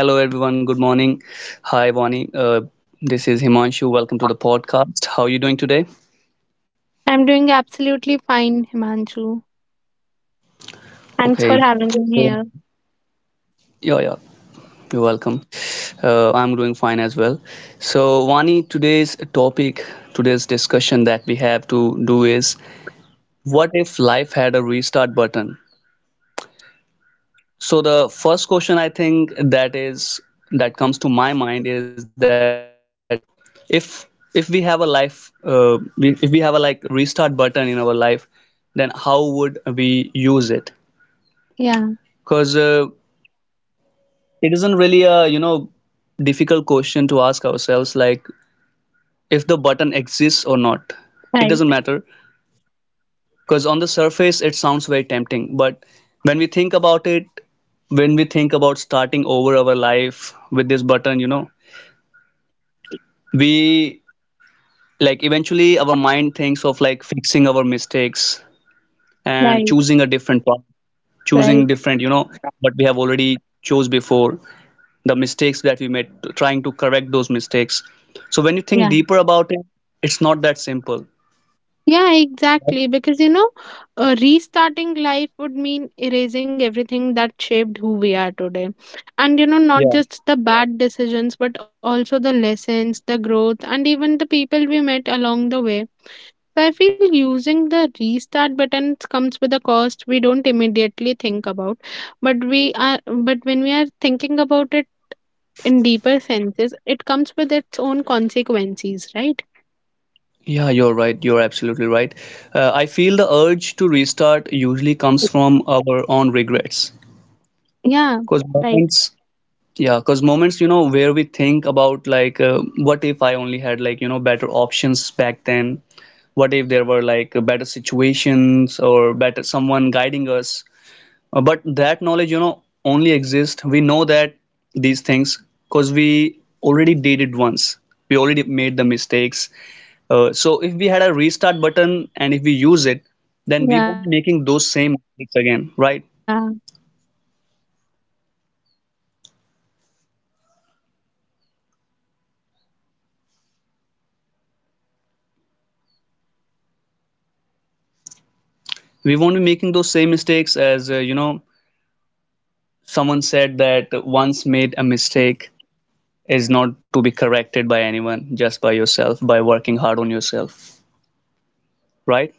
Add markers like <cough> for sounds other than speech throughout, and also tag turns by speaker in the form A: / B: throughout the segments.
A: Hello, everyone. Good morning. Hi, Bonnie. This is Himanshu. Welcome to the podcast. How are you doing today?
B: I'm doing absolutely fine, Himanshu. Thanks for
A: Okay.
B: having me
A: So,
B: here.
A: yeah, yeah. You're welcome. I'm doing fine as well. So, Vani, today's topic, today's discussion that we have to do is what if life had a restart button? So the first question, I think, that comes to my mind is that, if we have a life we, if we have a like restart button in our life, then how would we use it?
B: Yeah,
A: Because it isn't really a, you know, difficult question to ask ourselves, like if the button exists or not. It
B: right,
A: doesn't matter, because on the surface it sounds very tempting, but when we think about it, when we think about starting over our life with this button, you know, we, like, eventually our mind thinks of, like, fixing our mistakes and
B: right,
A: choosing a different path, choosing
B: right.
A: different, you know, what we have already chose before, the mistakes that we made, trying to correct those mistakes. So when you think
B: Yeah,
A: deeper about it, it's not that simple.
B: yeah, exactly. Restarting life would mean erasing everything that shaped who we are today. And you know, not
A: Yeah,
B: just the bad decisions, but also the lessons, the growth, and even the people we met along the way. So I feel using the restart button comes with a cost we don't immediately think about, but we are but when we are thinking about it in deeper senses, it comes with its own consequences, right?
A: yeah, you're right, you're absolutely right. I feel the urge to restart usually comes from our own regrets, because
B: Yeah,
A: moments.
B: right.
A: Yeah, because moments, you know, where we think about, like, what if I only had, like, you know, better options back then? What if there were, like,
B: Yeah,
A: better situations or better someone guiding us? But that knowledge, you know,
B: right.
A: only exists. We know that these things because we already did it once. We already made the mistakes.
B: Yeah,
A: So if we had a restart button and if we use it, then we won't be making those same mistakes again, right?
B: right. I completely, agree on that. Because at the same time, like, there's also emotional side,
A: We
B: you know,
A: won't be making those
B: even
A: same
B: painful
A: mistakes as
B: experiences contribute to resilience. Like, if
A: Someone
B: we
A: said that
B: restart, we might
A: once made a
B: avoid certain
A: mistake
B: struggles, but
A: is
B: we
A: not
B: might
A: to be
B: also lose
A: corrected
B: the
A: by
B: strength
A: anyone,
B: and
A: just by
B: clarity.
A: yourself, by working hard on yourself, right?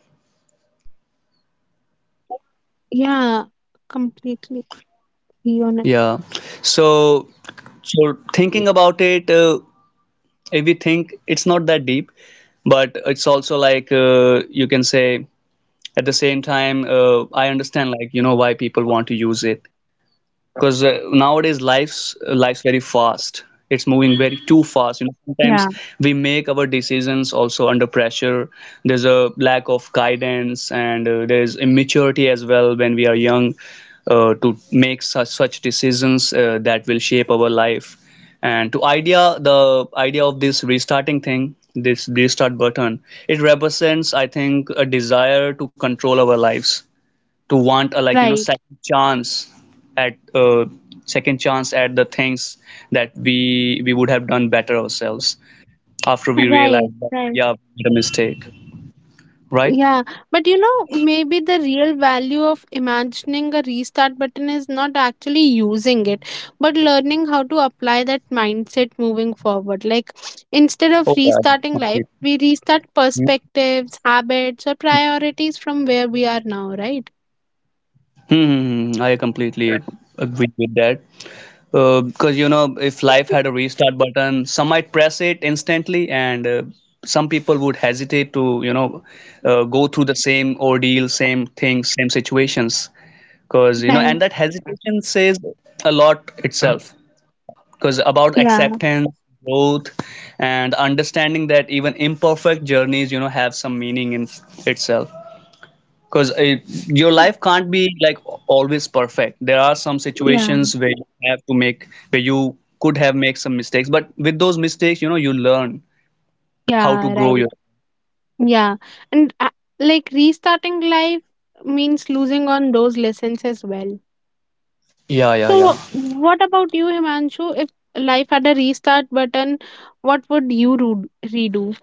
B: Yeah, completely agree on it.
A: Yeah. So, so, thinking about it, if we think it's not that deep, but it's also like, you can say, at the same time, I understand, like, you know, why people want to use it, because nowadays life's very fast. It's moving very too fast, you know, sometimes
B: yeah
A: we make our decisions also under pressure. There's a lack of guidance, and there's immaturity as well when we are young, to make such decisions that will shape our life. And to idea the idea of this restarting thing, this restart button, it represents, I think, a desire to control our lives, to want a, like, you know,
B: right,
A: second chance at, the things that we would have done better ourselves after we realize
B: right
A: that,
B: right.
A: yeah, we made a mistake, right.
B: Yeah. But you know, maybe the real value of imagining a restart button is not actually using it, but learning how to apply that mindset moving forward. Like, instead of
A: Oh, yeah,
B: restarting life,
A: completely.
B: we restart perspectives, habits, or priorities from where we are now, right?
A: Mm-hmm. I completely agree with that. Because, you know, if life had a restart button, some might press it instantly, and some people would hesitate to, you know, go through the same ordeal, same things, same situations. Because, you know,
B: Right.
A: and that hesitation says a lot itself, because about
B: Yeah.
A: acceptance, growth, and understanding that even imperfect journeys, you know, have some meaning in itself. Because it, your life can't be like always perfect. There are some
B: Yeah.
A: situations where you could have made some mistakes, but with those mistakes, you know, you learn how to
B: Yeah,
A: grow
B: right.
A: your...
B: Yeah. And like restarting life means losing on those lessons as well.
A: Yeah, yeah, yeah.
B: So, what about you, Himanshu? If life had a restart button, what would you redo?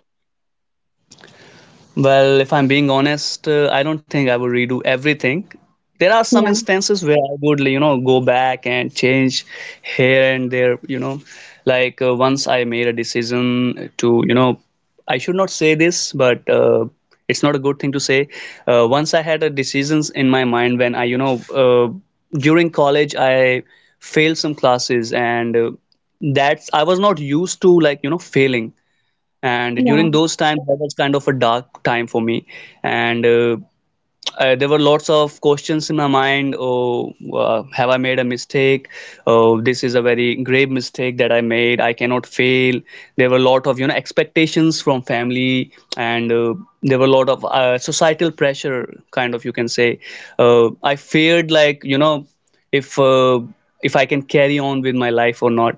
A: Well, if I'm being honest, I don't think I would redo everything. There are some
B: Yeah,
A: instances where I would, you know, go back and change here and there, you know. Like, once I made a decision to, you know, I should not say this, but it's not a good thing to say. Once I had a decisions in my mind when I, you know, during college I failed some classes, and that's I was not used to, like, you know, failing, and during
B: yeah,
A: those times that was kind of a dark time for me. And there were lots of questions in my mind. Oh, have I made a mistake? Oh, this is a very grave mistake that I made, I cannot fail. There were a lot of, you know, expectations from family, and there were a lot of societal pressure, kind of, you can say. I feared, like, you know, if uh, if I can carry on with my life or not.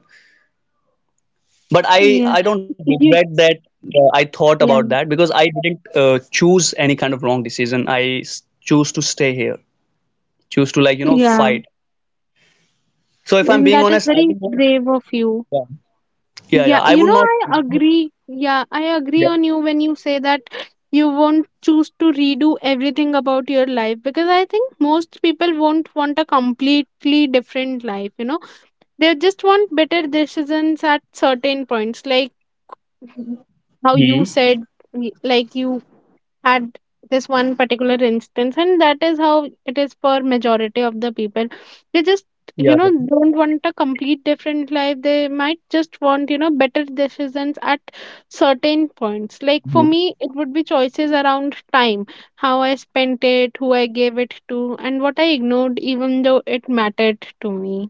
A: But I
B: yeah.
A: I don't regret
B: you,
A: that. I thought about
B: yeah,
A: that because I didn't choose any kind of wrong decision. Choose to stay here, choose to, like, you know,
B: yeah.
A: fight. So if I'm
B: And
A: being
B: that is
A: honest, I
B: very
A: would not.
B: brave of you.
A: Yeah, yeah, yeah.
B: Yeah,
A: I
B: you
A: would
B: know,
A: not.
B: I agree. Yeah, I
A: Yeah.
B: agree on you when you say that you won't choose to redo everything about your life, because I think most people won't want a completely different life, you know. They just want better decisions at certain points. Like, how you
A: Mhm.
B: said, like you had this one particular instance, and that is how it is for majority of the people. They just
A: Yeah,
B: don't want a complete different life. They might just want, better decisions at certain points. Like, for
A: mhm.
B: me, it would be choices around time, how I spent it, who I gave it to, and what I ignored even though it mattered to me.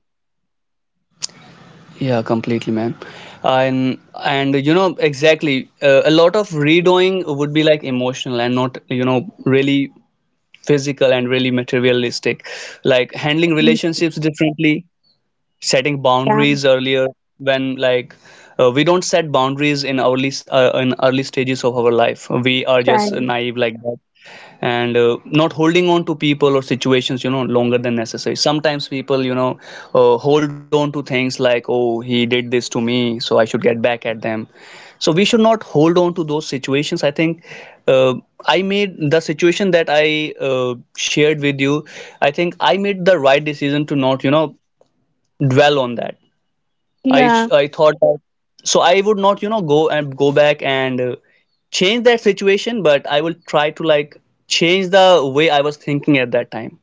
A: Yeah, completely, man. And you know exactly. A lot of redoing would be, like, emotional and not, you know, really physical and really materialistic. Like, handling relationships differently, setting
B: Yeah,
A: boundaries earlier, when, like, we don't set boundaries in early stages of our life, we are just
B: same.
A: naive like that. And not holding on to people or situations, you know, longer than necessary. Sometimes people, you know, hold on to things like, oh, he did this to me, so I should get back at them. So we should not hold on to those situations, I think. uh, I made the situation that I, shared with you. I think I made the right decision to not, you know, dwell on that.
B: Yeah.
A: I thought that. So I would not, you know, go and go back and change that situation, but I will try to, like, change the way I was thinking at that time.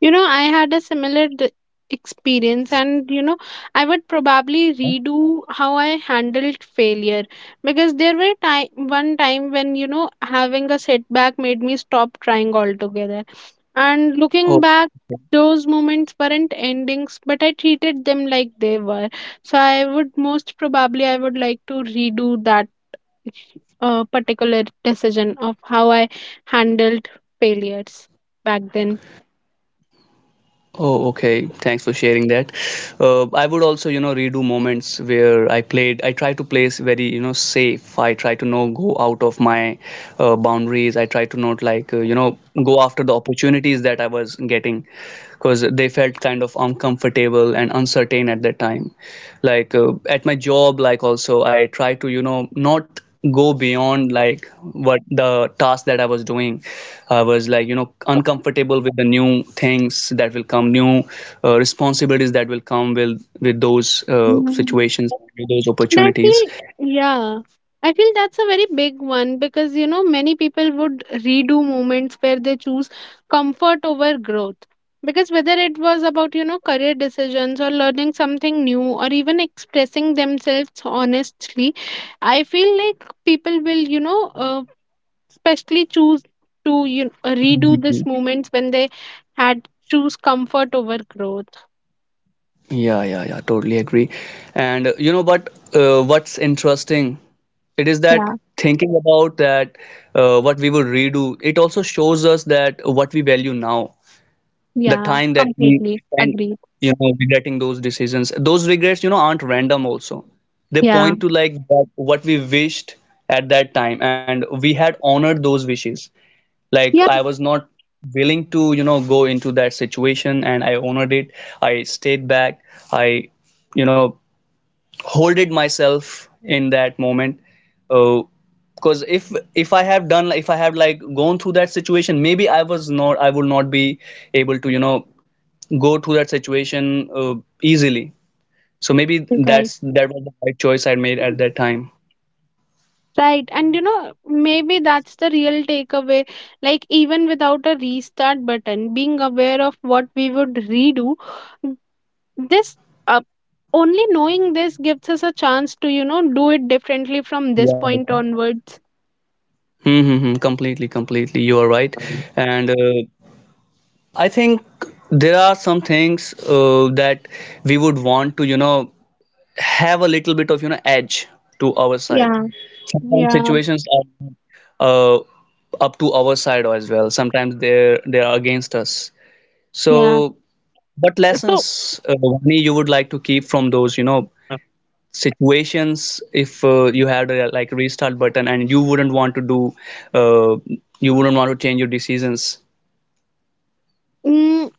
B: You know, I had a similar experience, and you know, I would probably redo how I handled failure, because there were time one time when, you know, having a setback made me stop trying altogether. And looking back, those moments weren't endings, but I treated them like they were. So I would like to redo that particular decision of how I handled failures back then.
A: Oh, okay. Thanks for sharing that. I would also, you know, redo moments where I played. I try to play very, you know, safe. I try to not go out of my boundaries. I try to not, like, you know, go after the opportunities that I was getting because they felt kind of uncomfortable and uncertain at that time. Like, at my job, like, also I try to, you know, not go beyond like what the task that I was doing. I was, like, you know, uncomfortable with the new things that will come, new responsibilities that will come with those situations, with those
B: And I
A: opportunities.
B: feel, yeah, I feel that's a very big one, because, you know, many people would redo moments where they choose comfort over growth. Because whether it was about, you know, career decisions or learning something new or even expressing themselves honestly, I feel like people will, especially choose to, you know, redo
A: Mhm.
B: these moments when they had choose comfort over growth.
A: Yeah, yeah, yeah, totally agree. And you know, but what's interesting it is that,
B: Yeah.
A: thinking about that, what we would redo, it also shows us that what we value now, the
B: Yeah.
A: time that we
B: Completely
A: spend,
B: agreed.
A: you know, regretting those decisions, those regrets, you know, aren't random also. They
B: Yeah.
A: point to, like, that, what we wished at that time, and we had honored those wishes, like
B: Yeah.
A: I was not willing to, you know, go into that situation, and I honored it. I stayed back. I, you know, holded myself in that moment. Uh, because if I have done if I have like, gone through that situation, maybe, I would not be able to, you know, go through that situation easily. So maybe
B: Right.
A: that was the right choice I made at that time.
B: Right. And you know, maybe that's the real takeaway. Like, even without a restart button, being aware of what we would redo, this uh, only knowing this gives us a chance to, you know, do it differently from this
A: Yeah.
B: point onwards.
A: Mm-hmm, completely, completely. You are right. And I think there are some things that we would want to, you know, have a little bit of, you know, edge to our side.
B: Yeah,
A: Sometimes
B: yeah,
A: situations are up to our side as well. Sometimes they are against us.
B: yeah.
A: So, what
B: So,
A: lessons, Vani, you would like to keep from those, you know, situations, if you had a, like, restart button and uh, you wouldn't want to change your decisions?
B: mm,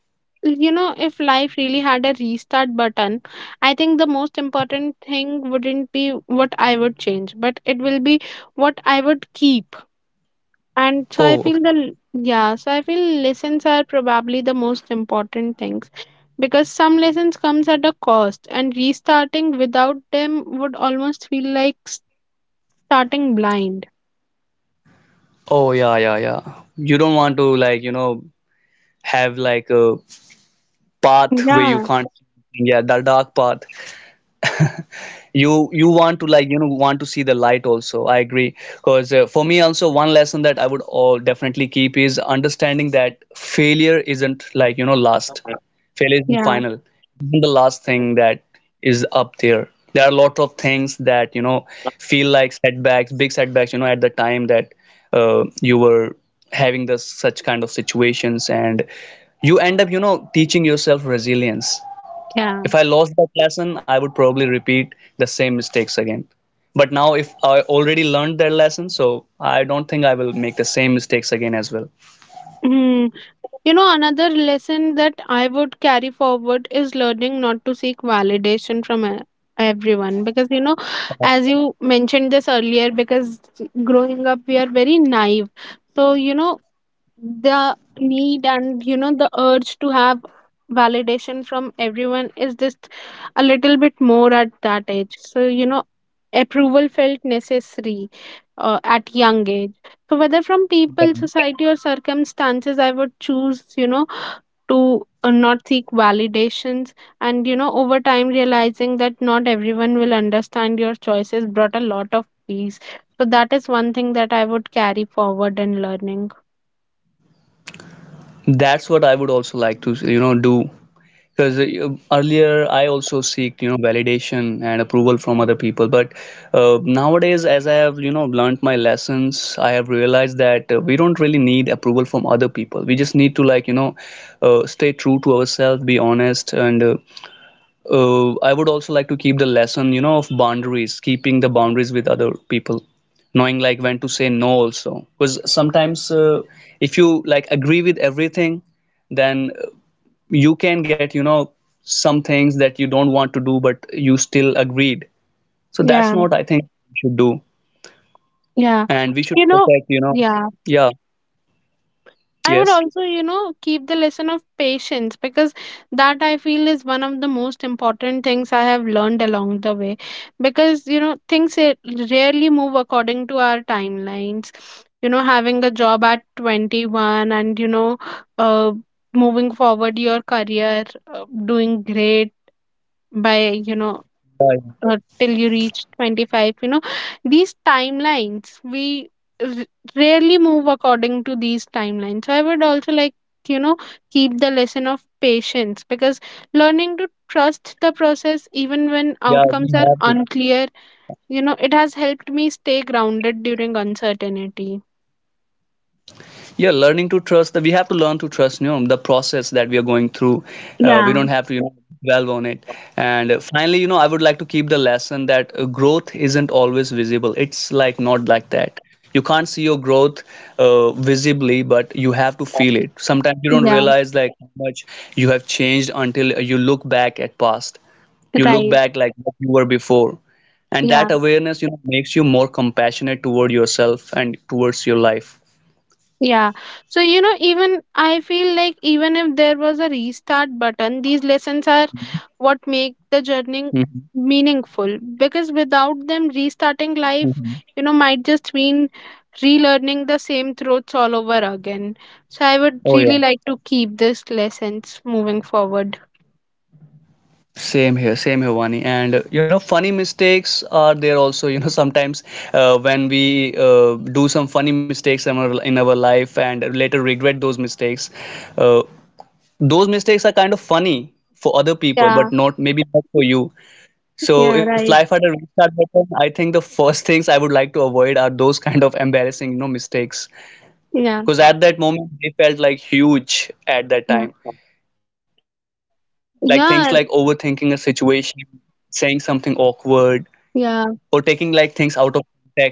B: you know, if life really had a restart button, I think the most important thing wouldn't be what I would change, but it will be what I would keep. And so I
A: Oh,
B: feel
A: okay.
B: the yeah so I feel lessons are probably the most important things, because some lessons comes at a cost, and restarting without them would almost feel like starting blind.
A: Oh, yeah, yeah, yeah. You don't want to, like, you know, have like a path where you
B: Yeah,
A: can't. Yeah, the dark path. <laughs> You want to, like, you know, want to see the light also, I agree, because for me also, one lesson that I would all definitely keep is understanding that failure isn't, like, you know, last. Failure isn't
B: yeah,
A: final. It isn't the last thing that is up there. There are a lot of things that, you know, feel like setbacks, big setbacks, you know, at the time that you were having this such kind of situations, and you end up, you know, teaching yourself resilience.
B: yeah.
A: If I lost that lesson, I would probably repeat the same mistakes again. But now, if I already learned that lesson, so I don't think I will make the same mistakes again as well.
B: Mm. You know, another lesson that I would carry forward is learning not to seek validation from everyone, because you know, as you mentioned this earlier, because growing up we are very naive. So, you know, the need and you know the urge to have validation from everyone is just a little bit more at that age. So, you know, approval felt necessary at young age. So whether from people, society, or circumstances, I would choose, you know, to not seek validations. And you know, over time, realizing that not everyone will understand your choices brought a lot of peace. So that is one thing that I would carry forward in learning.
A: That's what I would also like to, you know, do. Because earlier I also seek, you know, validation and approval from other people. But nowadays, as I have, you know, learned my lessons, I have realized that we don't really need approval from other people. We just need to, like, you know, stay true to ourselves, be honest, and I would also like to keep the lesson, you know, of boundaries, keeping the boundaries with other people, knowing like when to say no also. Because sometimes if you like agree with everything, then you can get, you know, some things that you don't want to do, but you still agreed. So that's
B: Yeah.
A: not, I think, we should do.
B: Yeah.
A: And we should
B: You know,
A: protect, you know,
B: yeah.
A: yeah,
B: I would
A: yes.
B: also, you know, keep the lesson of patience, because that I feel is one of the most important things I have learned along the way. Because, you know, rarely move according to our timelines. You know, having a job at 21 and, uh, moving forward your career, doing great by, you know,
A: Yeah,
B: till you reach 25. You know, these timelines we r- rarely move according to these timelines. So I would also like, you know, keep the lesson of patience, because learning to trust the process even when
A: yeah, we
B: outcomes are
A: have to.
B: unclear, you know, it has helped me stay grounded during uncertainty.
A: Yeah, learning to trust, we have to learn to trust, you know, the process that we are going through. We
B: Yeah,
A: don't have to, you know, dwell on it. And finally, you know, I would like to keep the lesson that growth isn't always visible. It's like not like that, you can't see your growth visibly, but you have to feel it. Sometimes you don't
B: yeah,
A: realize like how much you have changed until you look back at past, you look
B: right.
A: back like what you were before. And
B: Yeah.
A: that awareness, you know, makes you more compassionate toward yourself and towards your life.
B: Yeah. So, you know, even I feel like even if there was a restart button, these lessons are what make the journey
A: Mm-hmm.
B: meaningful, because without them, restarting life,
A: Mhm.
B: you know, might just mean relearning the same truths all over again. So, I would
A: Oh yeah.
B: really like to keep these lessons moving forward.
A: Same here, Vani. And you know, funny mistakes are there also. You know, <laughs> sometimes when we do some funny mistakes in our life and later regret uh, those mistakes are kind of funny for other people,
B: Yeah.
A: but not maybe not for you.
B: Yeah.
A: So if
B: Right.
A: life had a restart button, I think the <laughs> first things I would like to avoid are those kind of embarrassing, you know, mistakes.
B: Yeah.
A: Because at that moment, they felt like huge at that
B: Yeah.
A: time. Like things like overthinking a
B: Yeah.
A: situation, saying something awkward, or taking
B: Yeah.
A: like things out of context also.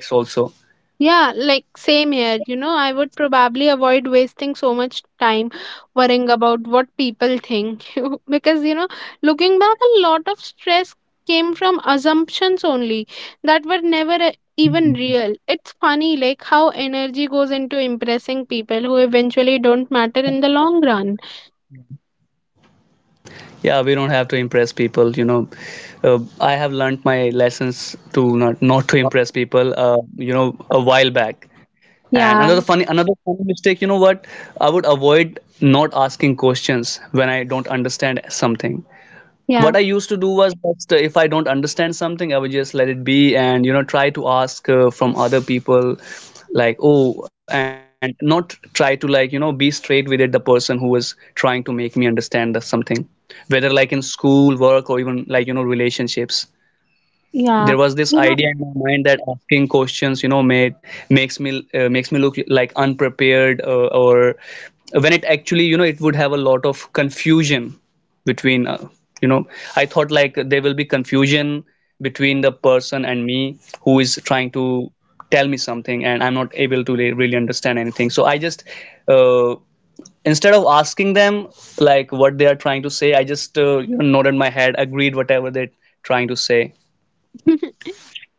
B: Yeah, like same here. You know, I would probably avoid wasting so much time worrying about what people think. <laughs> Because, you know, looking back, a lot of stress came from assumptions only that were never even real. It's funny, like, how energy goes into impressing people who eventually don't matter in the long run.
A: Yeah, we don't have to impress people, you know. I have learned my lessons to not to impress people, you know, a while back. And
B: Yeah,
A: another funny, mistake, you know what? I would avoid not asking questions when I don't understand something.
B: yeah,
A: What I used to do was just, if I don't understand something, I would just let it be, and you know, try to ask from other people. Like oh, and not try to, like, you know, be straight with it, the person who was trying to make me understand the something, whether like in school work or even like, you know, relationships.
B: yeah.
A: There was this
B: You know,
A: idea in my mind that asking questions, you know, made makes me look like unprepared, or when it actually, you know, it would have a lot of confusion between you know, I thought like there will be confusion between the person and me, who is trying to tell me something and I'm not able to really understand anything, so I just uh, instead of asking them like what they are trying to say, I just, you know, nodded my head, agreed whatever they're trying to say.
B: <laughs>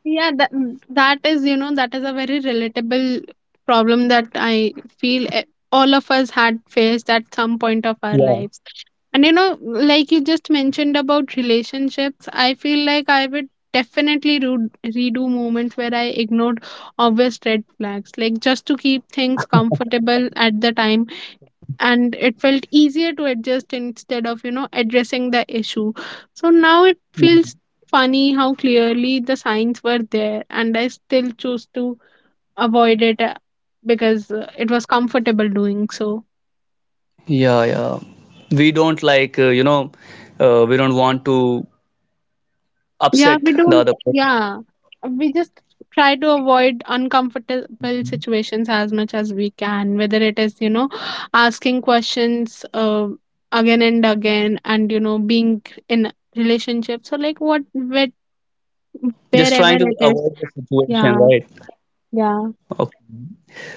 B: That is, you know, that is a very relatable problem that I feel all of us had faced at some point of our
A: Yeah.
B: lives. And you know, like you just mentioned about relationships, I feel like I would definitely redo moments where I ignored obvious red flags, like just to keep things comfortable at the time, and it felt easier to adjust instead of, you know, addressing the issue. So now it feels funny how clearly the signs were there, and I still choose to avoid it, because it was comfortable doing so.
A: Yeah, yeah. We don't like, you know, we don't want to
B: yeah
A: upset
B: we
A: the
B: don't
A: other person.
B: yeah we just try to avoid uncomfortable situations as much as we can, whether it is, you know, asking questions, again and again, and you know being in relationships. So like what where
A: Just
B: wherever
A: trying to
B: it is.
A: avoid the situation,
B: Yeah,
A: right?
B: yeah.
A: Okay.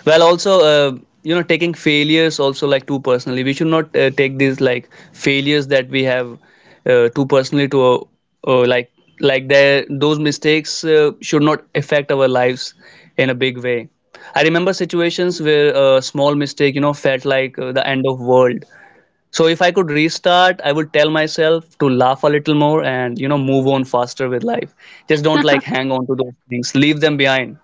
A: Well, also, you know, taking failures also like too personally. We should not take these like failures that we have too personally to uh, like like there those mistakes should not affect our lives in a big way. I remember situations where a small mistake, you know, felt like the end of world. So if I could restart, I would tell myself to laugh a little more and you know, move on faster with life. Just don't like
B: <laughs>
A: hang on to those things. Leave them behind.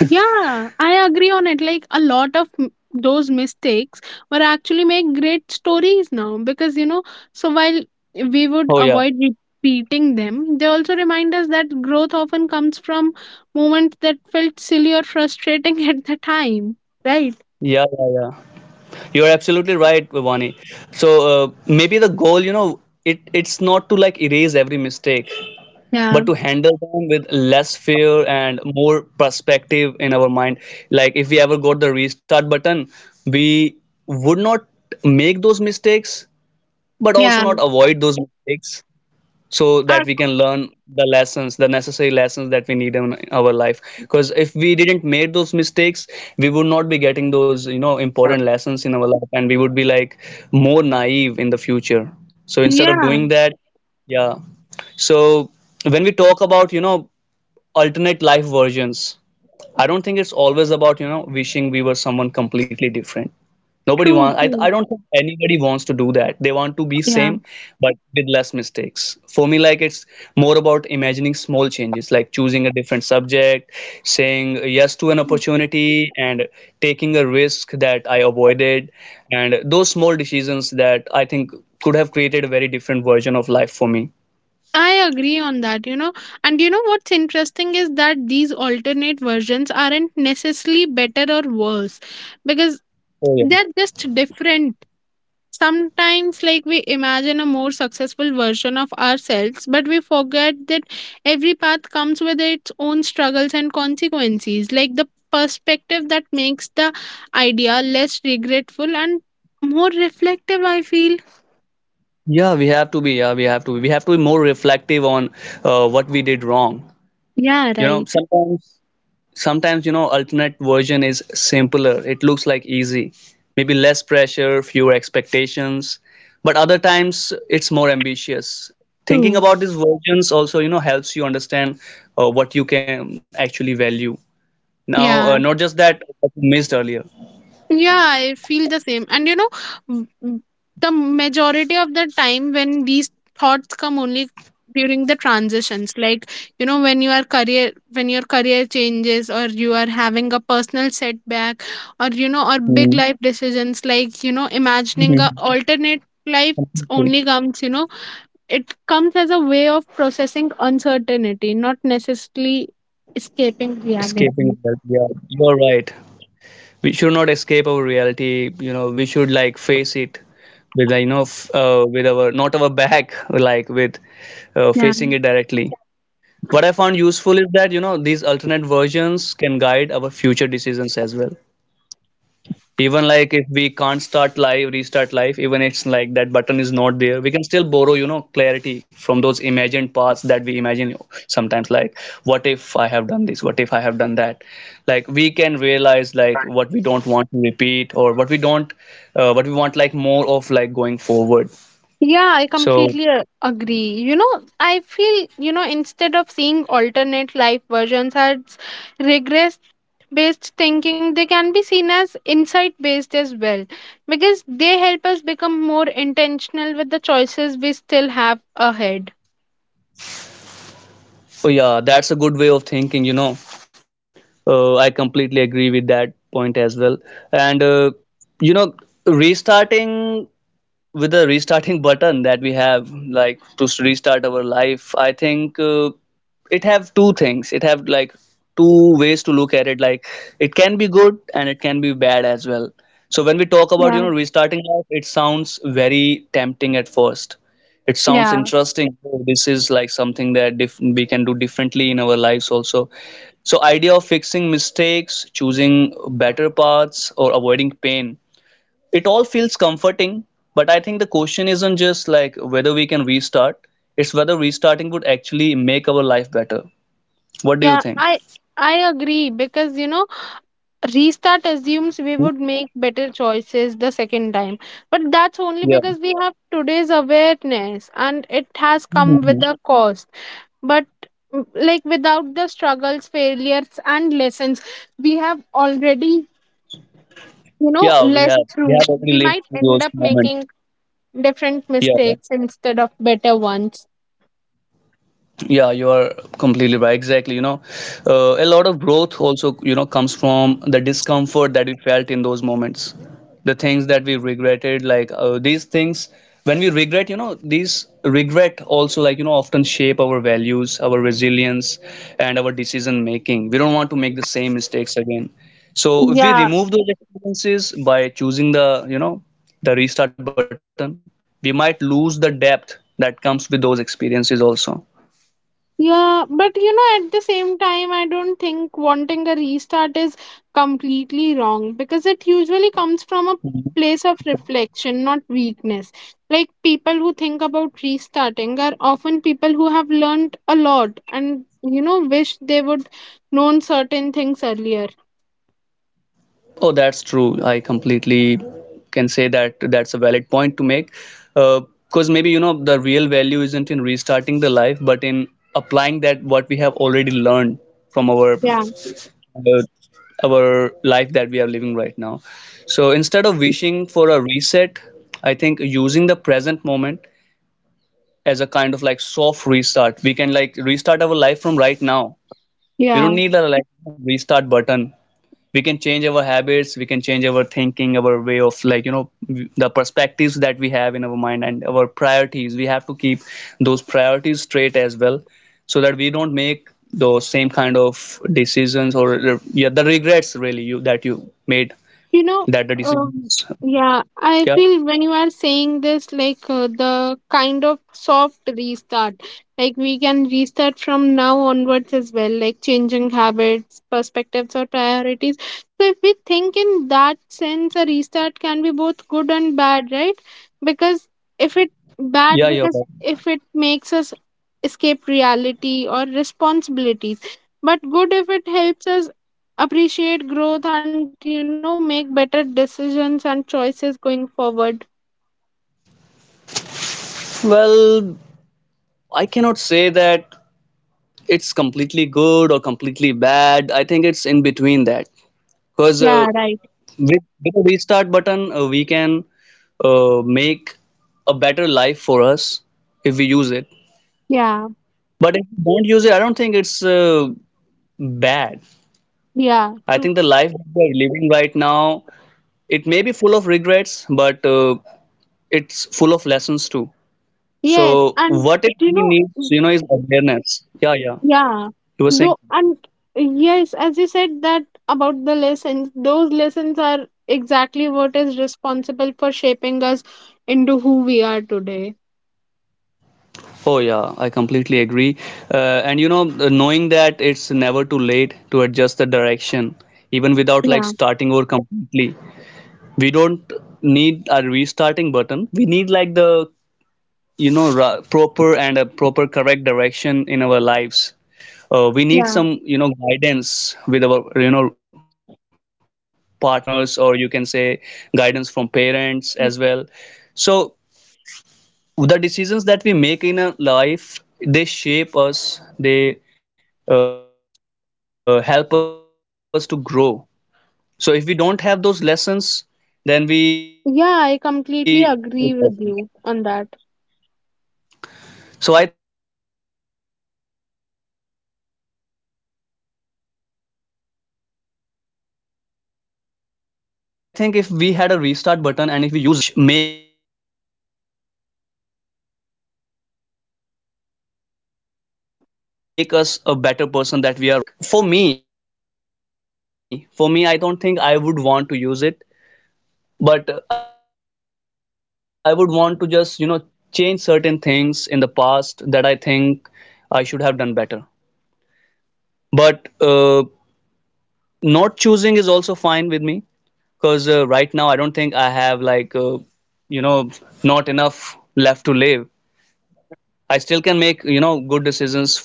B: Yeah, I agree on it. Like a lot of those mistakes were actually make great stories now, because you know, so while we would
A: Oh yeah.
B: avoid repeating them, they also remind us that growth often comes from moments that felt silly or frustrating <laughs> at the time, right?
A: Yeah, yeah, yeah. You're absolutely right, Vivani. So maybe the goal, you know, it's not to like erase every mistake,
B: Yeah,
A: but to handle them with less fear and more perspective in our mind. Like if we ever got the restart button, we would not make those mistakes, but also
B: yeah.
A: not avoid those mistakes, so
B: Uh,
A: that we can learn the necessary lessons that we need in our life. Because if we didn't make those mistakes, we would not be getting those, you know, important lessons in our life, and we would be like more naive in the future. So instead of doing
B: yeah,
A: that, yeah. So when we talk about, you know, alternate life versions, I don't think it's always about, you know, wishing we were someone completely different. Nobody
B: true,
A: wants, I
B: true.
A: don't think anybody wants to do that. They want to be
B: Yeah.
A: same, but with less mistakes. For me, like, it's more about imagining small changes, like choosing a different subject, saying yes to an opportunity, and taking a risk that I avoided. And those small decisions, that I think could have created a very different version of life for me.
B: I agree on that, you know. And you know what's interesting is that these alternate versions aren't necessarily better or worse, because
A: Oh, yeah.
B: they're just different. Sometimes, like, we imagine a more successful version of ourselves, but we forget that every path comes with its own struggles and consequences. Like, the perspective that makes the idea less regretful and more reflective, I feel.
A: Yeah, we have to be. Yeah, we have to be. We have to be more reflective on what we did wrong.
B: Yeah,
A: You know,
B: right.
A: sometimes you know, alternate version is simpler, it looks like easy, maybe less pressure, fewer expectations, but other times it's more ambitious. Thinking
B: True.
A: about these versions also, you know, helps you understand what you can actually value now,
B: Yeah,
A: not just that what you missed earlier.
B: Yeah, I feel the same. And you know, m- m- the majority of the time when these thoughts come only during the transitions, like you know, when your career changes, or you are having a personal setback, or you know, or big
A: Mm-hmm.
B: life decisions. Like, you know, imagining a alternate life only comes, you know, it comes as a way of processing uncertainty, not necessarily escaping
A: Escaping
B: reality.
A: that, yeah, you're right. We should not escape our reality, you know, we should like face it with, like, you know, with our not our back <laughs> like with
B: Yeah.
A: facing it directly. What I found useful is that, you know, these alternate versions can guide our future decisions as well. Even like if we can't restart live, even it's like that button is not there, we can still borrow, you know, clarity from those imagined paths that we imagine sometimes. Like, what if I have done this? What if I have done that? Like, we can realize like what we don't want to repeat or what we don't, what we want like more of like going forward.
B: Yeah, I
A: So,
B: completely agree. You know, I feel, you know, instead of seeing alternate life versions as regress based thinking, they can be seen as insight based as well, because they help us become more intentional with the choices we still have ahead.
A: oh yeah, that's a good way of thinking, you know. I completely agree with that point as well. And, you know, restarting. With the restarting <laughs> button that we have, like to restart our life, I think it have two things, it have like two ways to look at it. Like it can be good and it can be bad as well. So when we talk about,
B: Yeah,
A: you know, restarting life, it sounds very tempting at first. It sounds
B: yeah,
A: interesting. "Oh, this is like something that we can do differently in our lives also. So idea of fixing mistakes, choosing better paths, or avoiding pain, it all feels comforting, but I think the question isn't just like whether we can restart, it's whether restarting would actually make our life better. What do you
B: yeah.
A: think?
B: I agree, because you know restart assumes
A: Hmm?
B: we would make better choices the second time, but that's only
A: Yeah.
B: because we have today's awareness, and it has come
A: Mhm.
B: with a cost. But like without the struggles, failures, and lessons we have already, you know,
A: Yeah, we
B: less
A: have,
B: through
A: already lived through those moments.
B: different
A: Yeah. Yeah.
B: mistakes instead of better ones.
A: Yeah, you are completely right. Exactly. You know, a lot of growth also, you know, comes from the discomfort that we felt in those moments, the things that we regretted. Like these things, when we regret, you know, these regret also, like, you know, often shape our values, our resilience, and our decision making. We don't want to make the same mistakes again. So if we
B: Yeah.
A: remove those experiences by choosing the, you know, the restart button, we might lose the depth that comes with those experiences also.
B: Yeah, but you know, at the same time, I don't think wanting a restart is completely wrong, because it usually comes from a place of reflection, not weakness. Like people who think about restarting are often people who have learned a lot and, you know, wish they would known certain things earlier.
A: Oh, that's true. I completely can say that that's a valid point to make. Because maybe, you know, the real value isn't in restarting the life, but in applying that what we have already learned from
B: Yeah,
A: uh, our life that we are living right now. So instead of wishing for a reset, I think using the present moment as a kind of like soft restart, we can like restart our life from right now. We don't
B: yeah.
A: need a like restart button. We can change our habits, we can change our thinking, our way of, like, you know, the perspectives that we have in our mind, and our priorities. We have to keep those priorities straight as well, so that we don't make those same kind of decisions, or yeah, the regrets really, you made,
B: you know
A: that the
B: um,
A: decisions.
B: yeah,
A: yeah
B: I feel when you are saying this, like, the kind of soft restart, like we can restart from now onwards as well, like changing habits, perspectives, or priorities. So if we think in that sense, a restart can be both good and bad, right? Because if it
A: yeah you're
B: bad, because
A: right.
B: if it makes us escape reality or responsibilities, but good if it helps us appreciate growth and, you know, make better decisions and choices going forward.
A: Well, I cannot say that it's completely good or completely bad. I think it's in between that, because
B: Yeah, right.
A: with a restart button, we can make a better life for us if we use it.
B: Yeah,
A: But if we don't use it, I don't think it's bad.
B: yeah,
A: I
B: true.
A: think the life that we are living right now, it may be full of regrets, but it's full of lessons too.
B: Yes.
A: So
B: and
A: what it
B: you
A: really
B: know
A: needs,
B: mm,
A: you know, is awareness. Yeah, yeah.
B: yeah
A: You were saying.
B: though and Yes, as you said that about the lessons, those lessons are exactly what is responsible for shaping us into who we are today.
A: Oh, yeah, I completely agree. And you know, knowing that it's never too late to adjust the direction, even without like
B: yeah
A: starting over completely. We don't need a restarting button. We need like the, you know, proper and a proper correct direction in our lives. We need
B: yeah
A: some, you know, guidance with our, you know, partners, or you can say guidance from parents as well. So the decisions that we make in a life, they shape us they help us to grow. So if we don't have those lessons, then we will be the same person that we were before,
B: yeah I
A: because we didn't
B: completely
A: learn those
B: agree with
A: lessons.
B: you on that.
A: So I think if we had a restart button and if we use it, we won't be able to have those experiences, those lessons in our lives, which make us a better person that we are right now. So restart button, I don't think, for me, I don't think I would want to use it. But I would want to just, you know, change certain things in the past that I think I should have done better. But not choosing is also fine with me, because right now I don't think I have like you know, not enough left to live. I still can make, you know, good decisions further in my life, right?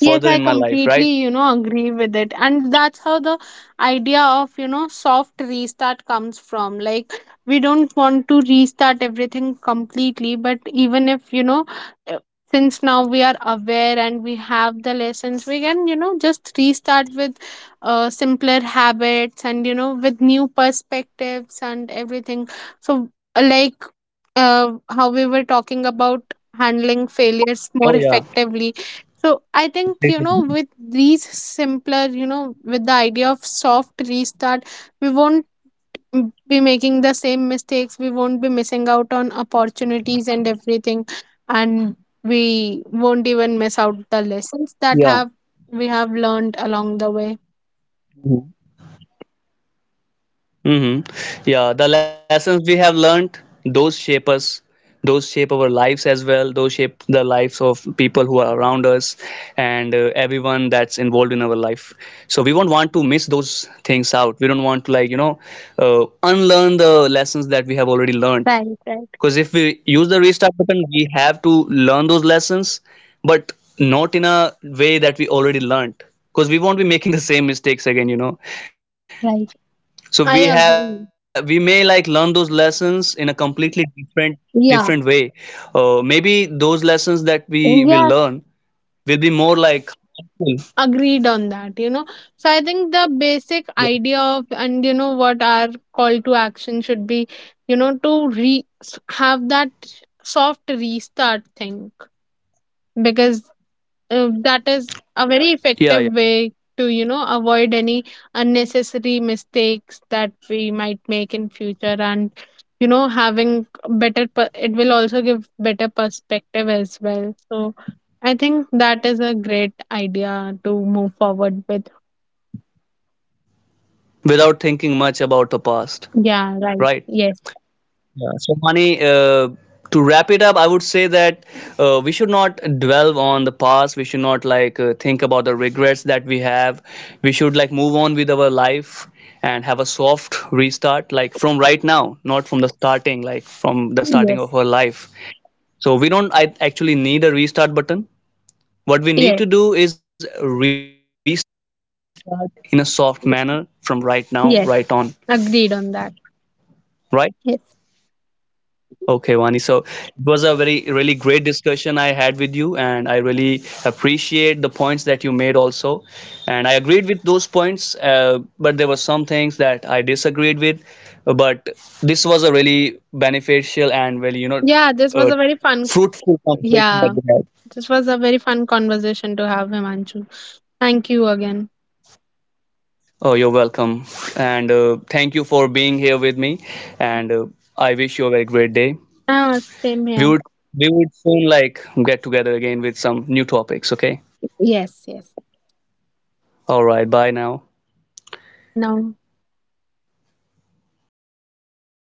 B: Yes, I completely, you know, agree with it. And that's how the idea of, you know, soft restart comes from. Like, we don't want to restart everything completely, but even if, you know, uh, since now we are aware and we have the lessons, we can, you know, just restart with simpler habits and, you know, with new perspectives and everything. So, uh, like,
A: Oh, yeah.
B: how we were talking about
A: Completely.
B: handling failures more effectively. So I think, you know, with these simpler, you know, with the idea of soft restart, we won't be making the same mistakes. We won't be missing out on opportunities and everything. And
A: Yeah.
B: we won't even miss out the lessons that have we have
A: Mm-hmm.
B: learned along the way.
A: Mhm. Yeah, the lessons we have learned, those shape us, those shape our lives as well, those shape the lives of people who are around us, and everyone that's involved in our life. So we won't want to miss those things out. We don't want to like, you know, unlearn the lessons that we have already learned. Because if we
B: Right,
A: use
B: right,
A: the restart button, we have to learn those lessons, but not in a way that we already learned. Because we won't be making the same mistakes again, you know. So we
B: right.
A: have we may like
B: I
A: learn those
B: agree.
A: lessons in a completely different way. Maybe
B: Yeah.
A: those lessons that we will learn will be more
B: Yeah,
A: like helpful.
B: agreed on that. You know, so I
A: Yeah.
B: think the basic idea of, and you know what our call to action should be, you know, to have that soft restart thing, because that is
A: Yeah.
B: a very effective way to, you know, avoid any unnecessary mistakes that we might make in future. And you know, having it will also give better perspective as well. So I think that is a great idea to move forward with.
A: Yeah, without thinking much about the past. Right.
B: Yeah, right. yes
A: Yeah. So, Mani, to wrap it up, I would say that we should not dwell on the past. We should not like think about the regrets that we have. We should like move on with our life and have a soft restart, like from right now, not from the starting, like from the starting of our
B: yes
A: life. So we don't, I actually need a restart button. What we need to do
B: yes
A: is restart in a soft manner from right now, right on,
B: yes
A: right?
B: Agreed on that.
A: Okay,
B: Yes.
A: Vani. So it was a very, really great discussion I had with you, and I really appreciate the points that you made also. And I agreed with those points, but there were some things that I disagreed with. But this was a really beneficial and really, you know, uh,
B: yeah this was a very
A: fruitful
B: fun
A: conversation that we had.
B: yeah, this was a very fun conversation to have, Himanshu. Thank you again.
A: Oh, you're welcome. And thank you for being here with me. And I wish you a very great day.
B: Ah, same
A: We would
B: here.
A: we would soon like get together again with some new topics, okay?
B: Yes, yes.
A: All right, bye now.
B: Yeah, bye now.